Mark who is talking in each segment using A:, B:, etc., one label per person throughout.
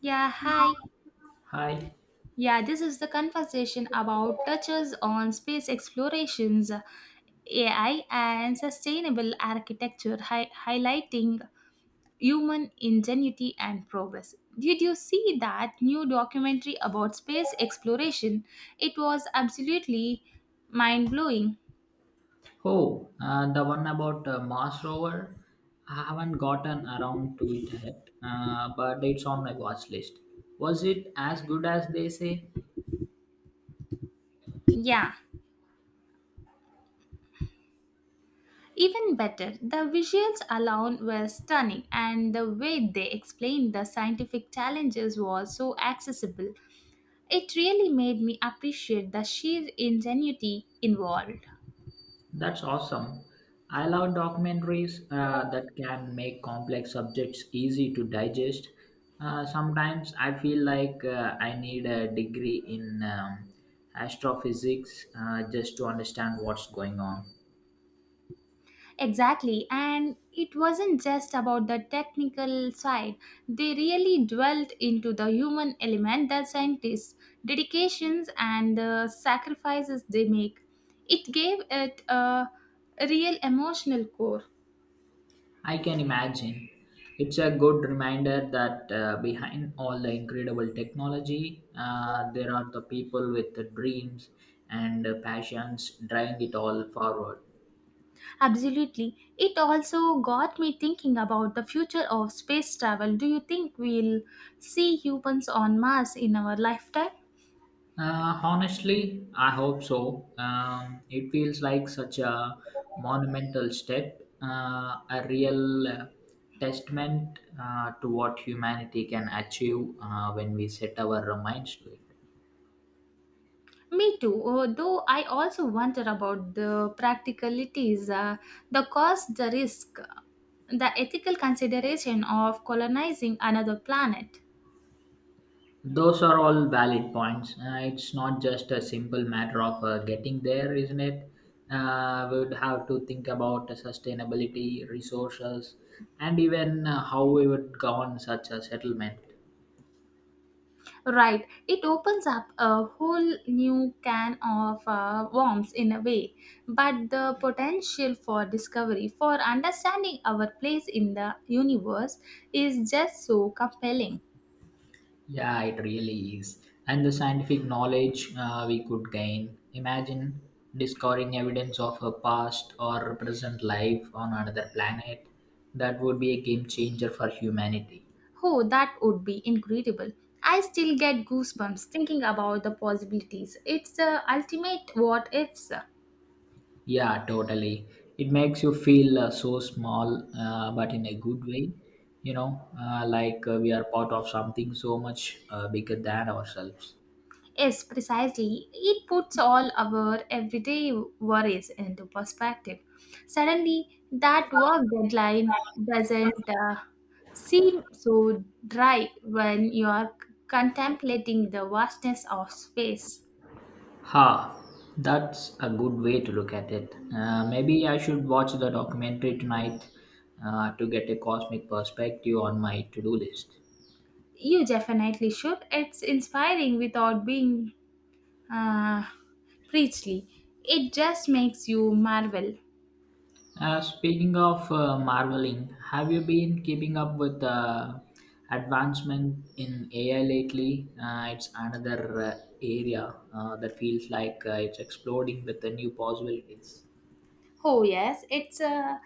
A: Yeah, hi.
B: Hi.
A: Yeah, this is the conversation about touches on space explorations, AI, and sustainable architecture, highlighting human ingenuity and progress. Did you see that new documentary about space exploration? It was absolutely mind blowing.
B: Oh, the one about Mars rover. I haven't gotten around to it yet, but it's on my watch list. Was it as good as they say?
A: Yeah, even better, the visuals alone were stunning, and the way they explained the scientific challenges was so accessible. It really made me appreciate the sheer ingenuity involved.
B: That's awesome. I love documentaries that can make complex subjects easy to digest. Sometimes I feel like I need a degree in astrophysics just to understand what's going on.
A: Exactly, and it wasn't just about the technical side, they really dwelt into the human element the scientists, dedications, and the sacrifices they make. It gave it a real emotional core.
B: I can imagine. It's a good reminder that behind all the incredible technology, there are the people with the dreams and passions driving it all forward.
A: Absolutely. It also got me thinking about the future of space travel. Do you think we'll see humans on Mars in our lifetime?
B: Honestly, I hope so. It feels like such a monumental step, a real testament to what humanity can achieve when we set our minds to it.
A: Me too, though I also wonder about the practicalities, the cost, the risk, the ethical consideration of colonizing another planet.
B: Those are all valid points. It's not just a simple matter of getting there, isn't it? We would have to think about the sustainability, resources, and even how we would govern such a settlement.
A: Right, it opens up a whole new can of worms in a way, but the potential for discovery, for understanding our place in the universe, is just so compelling.
B: Yeah, it really is. And the scientific knowledge we could gain. Imagine discovering evidence of a past or present life on another planet. That would be a game changer for humanity.
A: Oh, that would be incredible. I still get goosebumps thinking about the possibilities. It's the ultimate what ifs.
B: Yeah, totally. It makes you feel so small, but in a good way. Like we are part of something so much bigger than ourselves.
A: Yes, precisely. It puts all our everyday worries into perspective. Suddenly, that work deadline doesn't seem so dry when you are contemplating the vastness of space.
B: Ha, that's a good way to look at it. Maybe I should watch the documentary tonight to get a cosmic perspective on my to do list.
A: You definitely should. It's inspiring without being Uh, Preachly. It just makes you marvel.
B: Speaking of marveling, have you been keeping up with the advancement in AI lately? It's another area that feels like it's exploding with the new possibilities.
A: Oh, yes, it's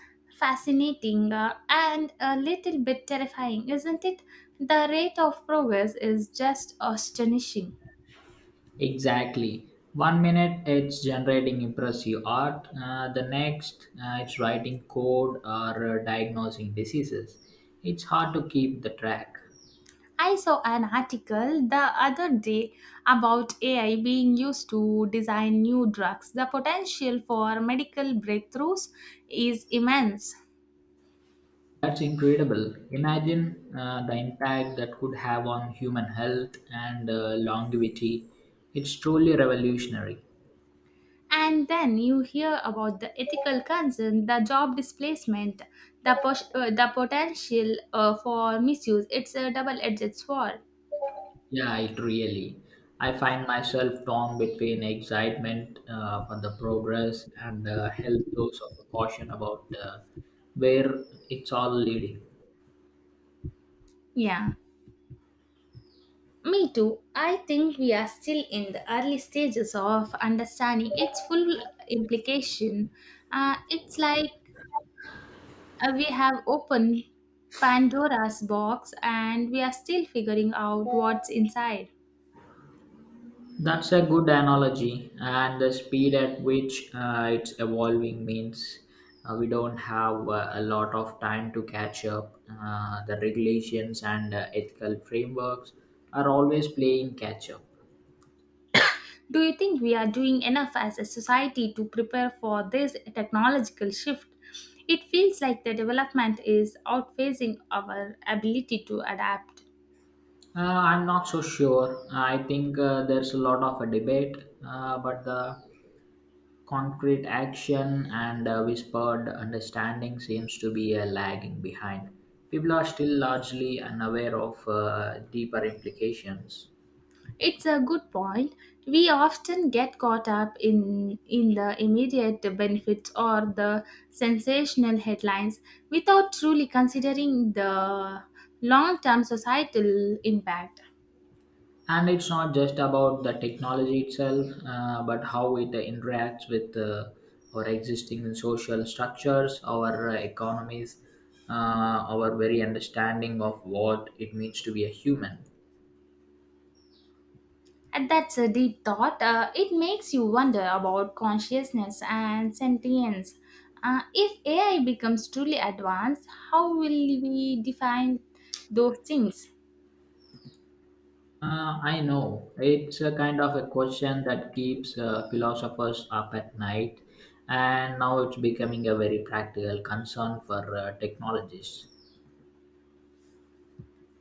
A: fascinating and a little bit terrifying, isn't it? The rate of progress is just astonishing.
B: Exactly. One minute it's generating impressive art, the next it's writing code or diagnosing diseases. It's hard to keep the track.
A: I saw an article the other day about AI being used to design new drugs. The potential for medical breakthroughs is immense.
B: That's incredible. Imagine the impact that could have on human health and longevity. It's truly revolutionary.
A: And then you hear about the ethical concern, the job displacement, the potential for misuse. It's a double edged sword.
B: Yeah, it really. I find myself torn between excitement for the progress and a health dose of caution about where it's all leading.
A: Yeah, me too. I think we are still in the early stages of understanding its full implication. It's like we have opened Pandora's box and we are still figuring out what's inside.
B: That's a good analogy, and the speed at which it's evolving means we don't have a lot of time to catch up. The regulations and ethical frameworks are always playing catch up.
A: Do you think we are doing enough as a society to prepare for this technological shift? It feels like the development is outphasing our ability to adapt.
B: I'm not so sure. I think there's a lot of a debate, but the concrete action and whispered understanding seems to be lagging behind. People are still largely unaware of deeper implications.
A: It's a good point. We often get caught up in the immediate benefits or the sensational headlines without truly considering the long term societal impact.
B: And it's not just about the technology itself but how it interacts with our existing social structures our economies our very understanding of what it means to be a human.
A: And that's a deep thought. It makes you wonder about consciousness and sentience. If AI becomes truly advanced, how will we define those things?
B: I know it's a kind of a question that keeps philosophers up at night, and now it's becoming a very practical concern for technologists.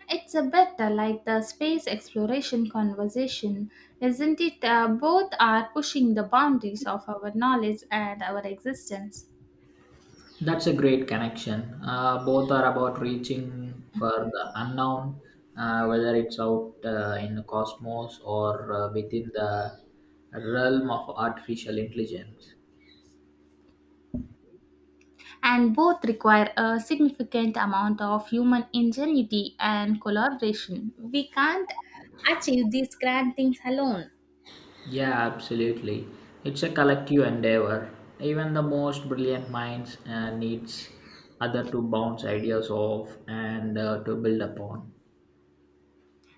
A: It's a bit like the space exploration conversation, isn't it? Both are pushing the boundaries of our knowledge and our existence.
B: That's a great connection. Both are about reaching for the unknown, whether it's out in the cosmos or within the realm of artificial intelligence.
A: And both require a significant amount of human ingenuity and collaboration. We can't achieve these grand things alone.
B: Yeah, absolutely. It's a collective endeavor. Even the most brilliant minds needs other to bounce ideas off and to build upon.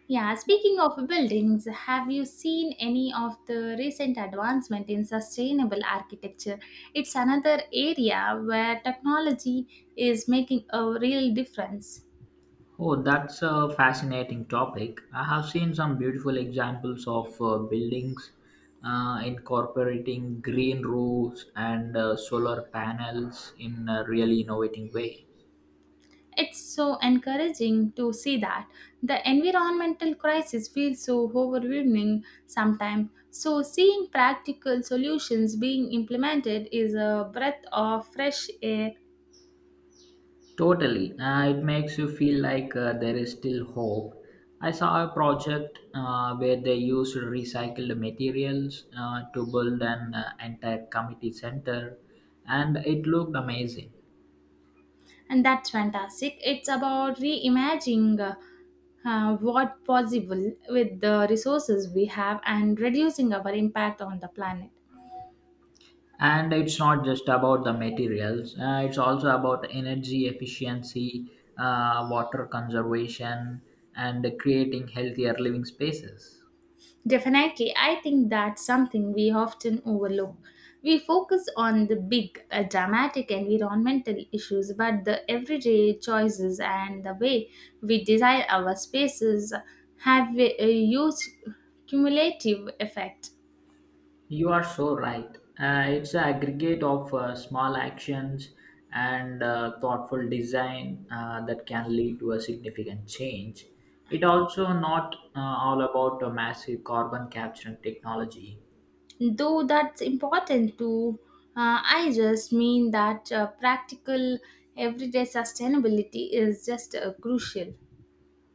A: Yeah, speaking of buildings, have you seen any of the recent advancement in sustainable architecture? It's another area where technology is making a real difference.
B: Oh, that's a fascinating topic. I have seen some beautiful examples of buildings incorporating green roofs and solar panels in a really innovating way.
A: It's so encouraging to see that the environmental crisis feels so overwhelming sometimes. So, seeing practical solutions being implemented is a breath of fresh air,
B: Totally. It makes you feel like there is still hope. I saw a project where they used recycled materials to build an entire community center, and it looked amazing.
A: and that's fantastic. It's about reimagining what possible with the resources we have and reducing our impact on the planet.
B: And it's not just about the materials, it's also about energy efficiency, water conservation, and creating healthier living spaces.
A: Definitely, I think that's something we often overlook. We focus on the big, dramatic environmental issues, but the everyday choices and the way we design our spaces have a huge cumulative effect.
B: You are so right, it's an aggregate of small actions and thoughtful design that can lead to a significant change. It also not all about a massive carbon capture and technology.
A: Though that's important too, I just mean that practical, everyday sustainability is just crucial.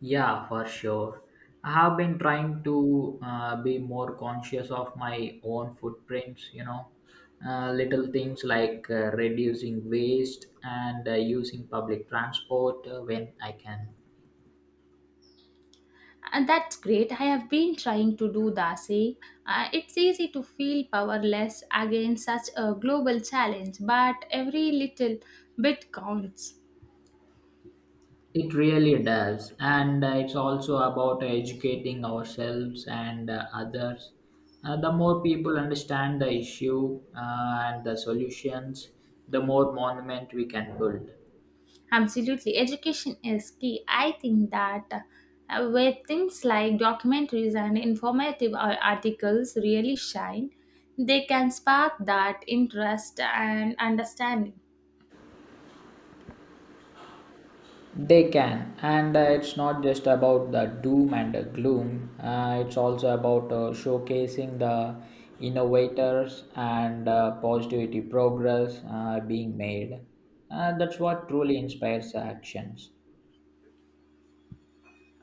B: Yeah, for sure. I have been trying to be more conscious of my own footprints, little things like reducing waste and using public transport when I can.
A: And that's great. I have been trying to do the same. It's easy to feel powerless against such a global challenge, but every little bit counts.
B: It really does. And it's also about educating ourselves and others. The more people understand the issue and the solutions, the more monument we can build.
A: Absolutely. Education is key. I think that where things like documentaries and informative articles really shine, they can spark that interest and understanding.
B: They can, and it's not just about the doom and the gloom. It's also about showcasing the innovators and positivity progress being made. That's what truly inspires actions.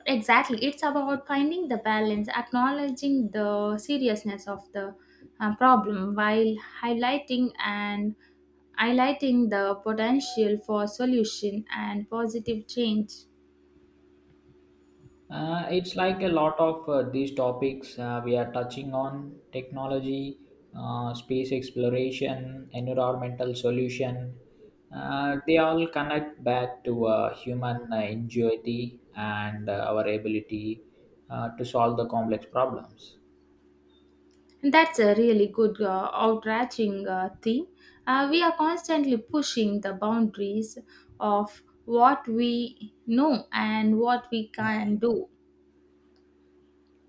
A: Exactly. It's about finding the balance, acknowledging the seriousness of the problem while highlighting and highlighting the potential for solution and positive change.
B: It's like a lot of these topics we are touching on technology, space exploration, environmental solution. They all connect back to human ingenuity and our ability to solve the complex problems.
A: That's a really good outreaching theme. We are constantly pushing the boundaries of what we know and what we can do.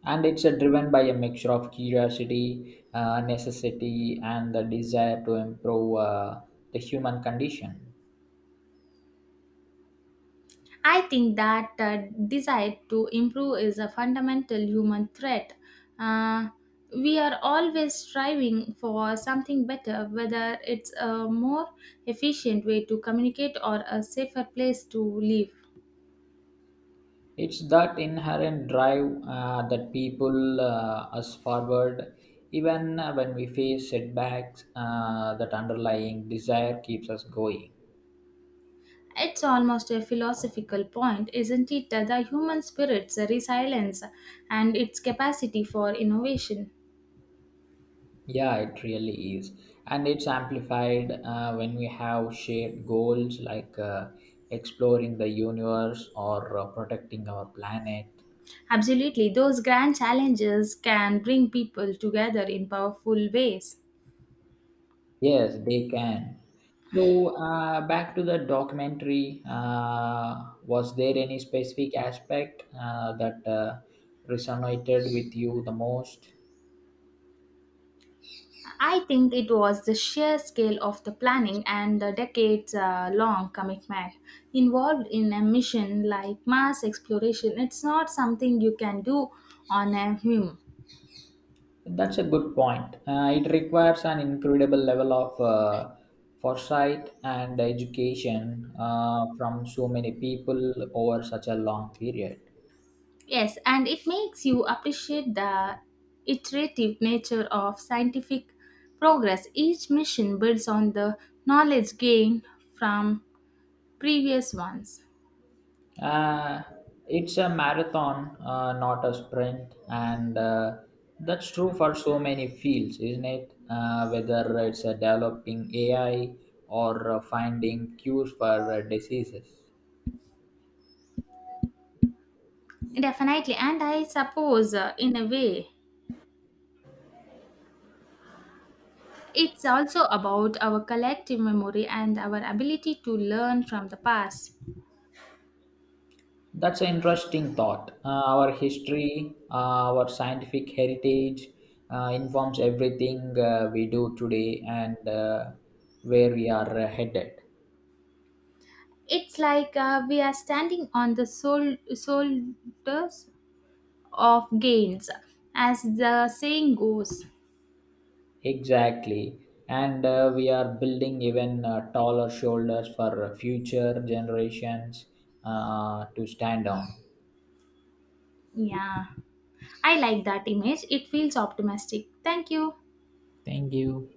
B: And it's driven by a mixture of curiosity, necessity, and the desire to improve the human condition.
A: I think that desire to improve is a fundamental human threat. Uh, we are always striving for something better, whether it's a more efficient way to communicate or a safer place to live.
B: It's that inherent drive that people us forward, even when we face setbacks. That underlying desire keeps us going.
A: It's almost a philosophical point, isn't it? The human spirit's resilience and its capacity for innovation.
B: Yeah, it really is, and it's amplified when we have shared goals like exploring the universe or protecting our planet.
A: Absolutely, those grand challenges can bring people together in powerful ways.
B: Yes, they can. So, back to the documentary, was there any specific aspect that resonated with you the most?
A: I think it was the sheer scale of the planning and the decades long commitment involved in a mission like Mars exploration. It's not something you can do on a whim.
B: That's a good point. It requires an incredible level of foresight and education from so many people over such a long period.
A: Yes, and it makes you appreciate the iterative nature of scientific progress. Each mission builds on the knowledge gained from previous ones.
B: Uh, it's a marathon, not a sprint, and that's true for so many fields, isn't it? Whether it's developing AI or finding cures for diseases.
A: Definitely, and I suppose in a way, it's also about our collective memory and our ability to learn from the past.
B: That's an interesting thought. Our history, our scientific heritage informs everything we do today and where we are headed.
A: It's like we are standing on the shoulders of gains, as the saying goes.
B: Exactly. And we are building even taller shoulders for future generations to stand on.
A: Yeah, I like that image. It feels optimistic. Thank you.
B: Thank you.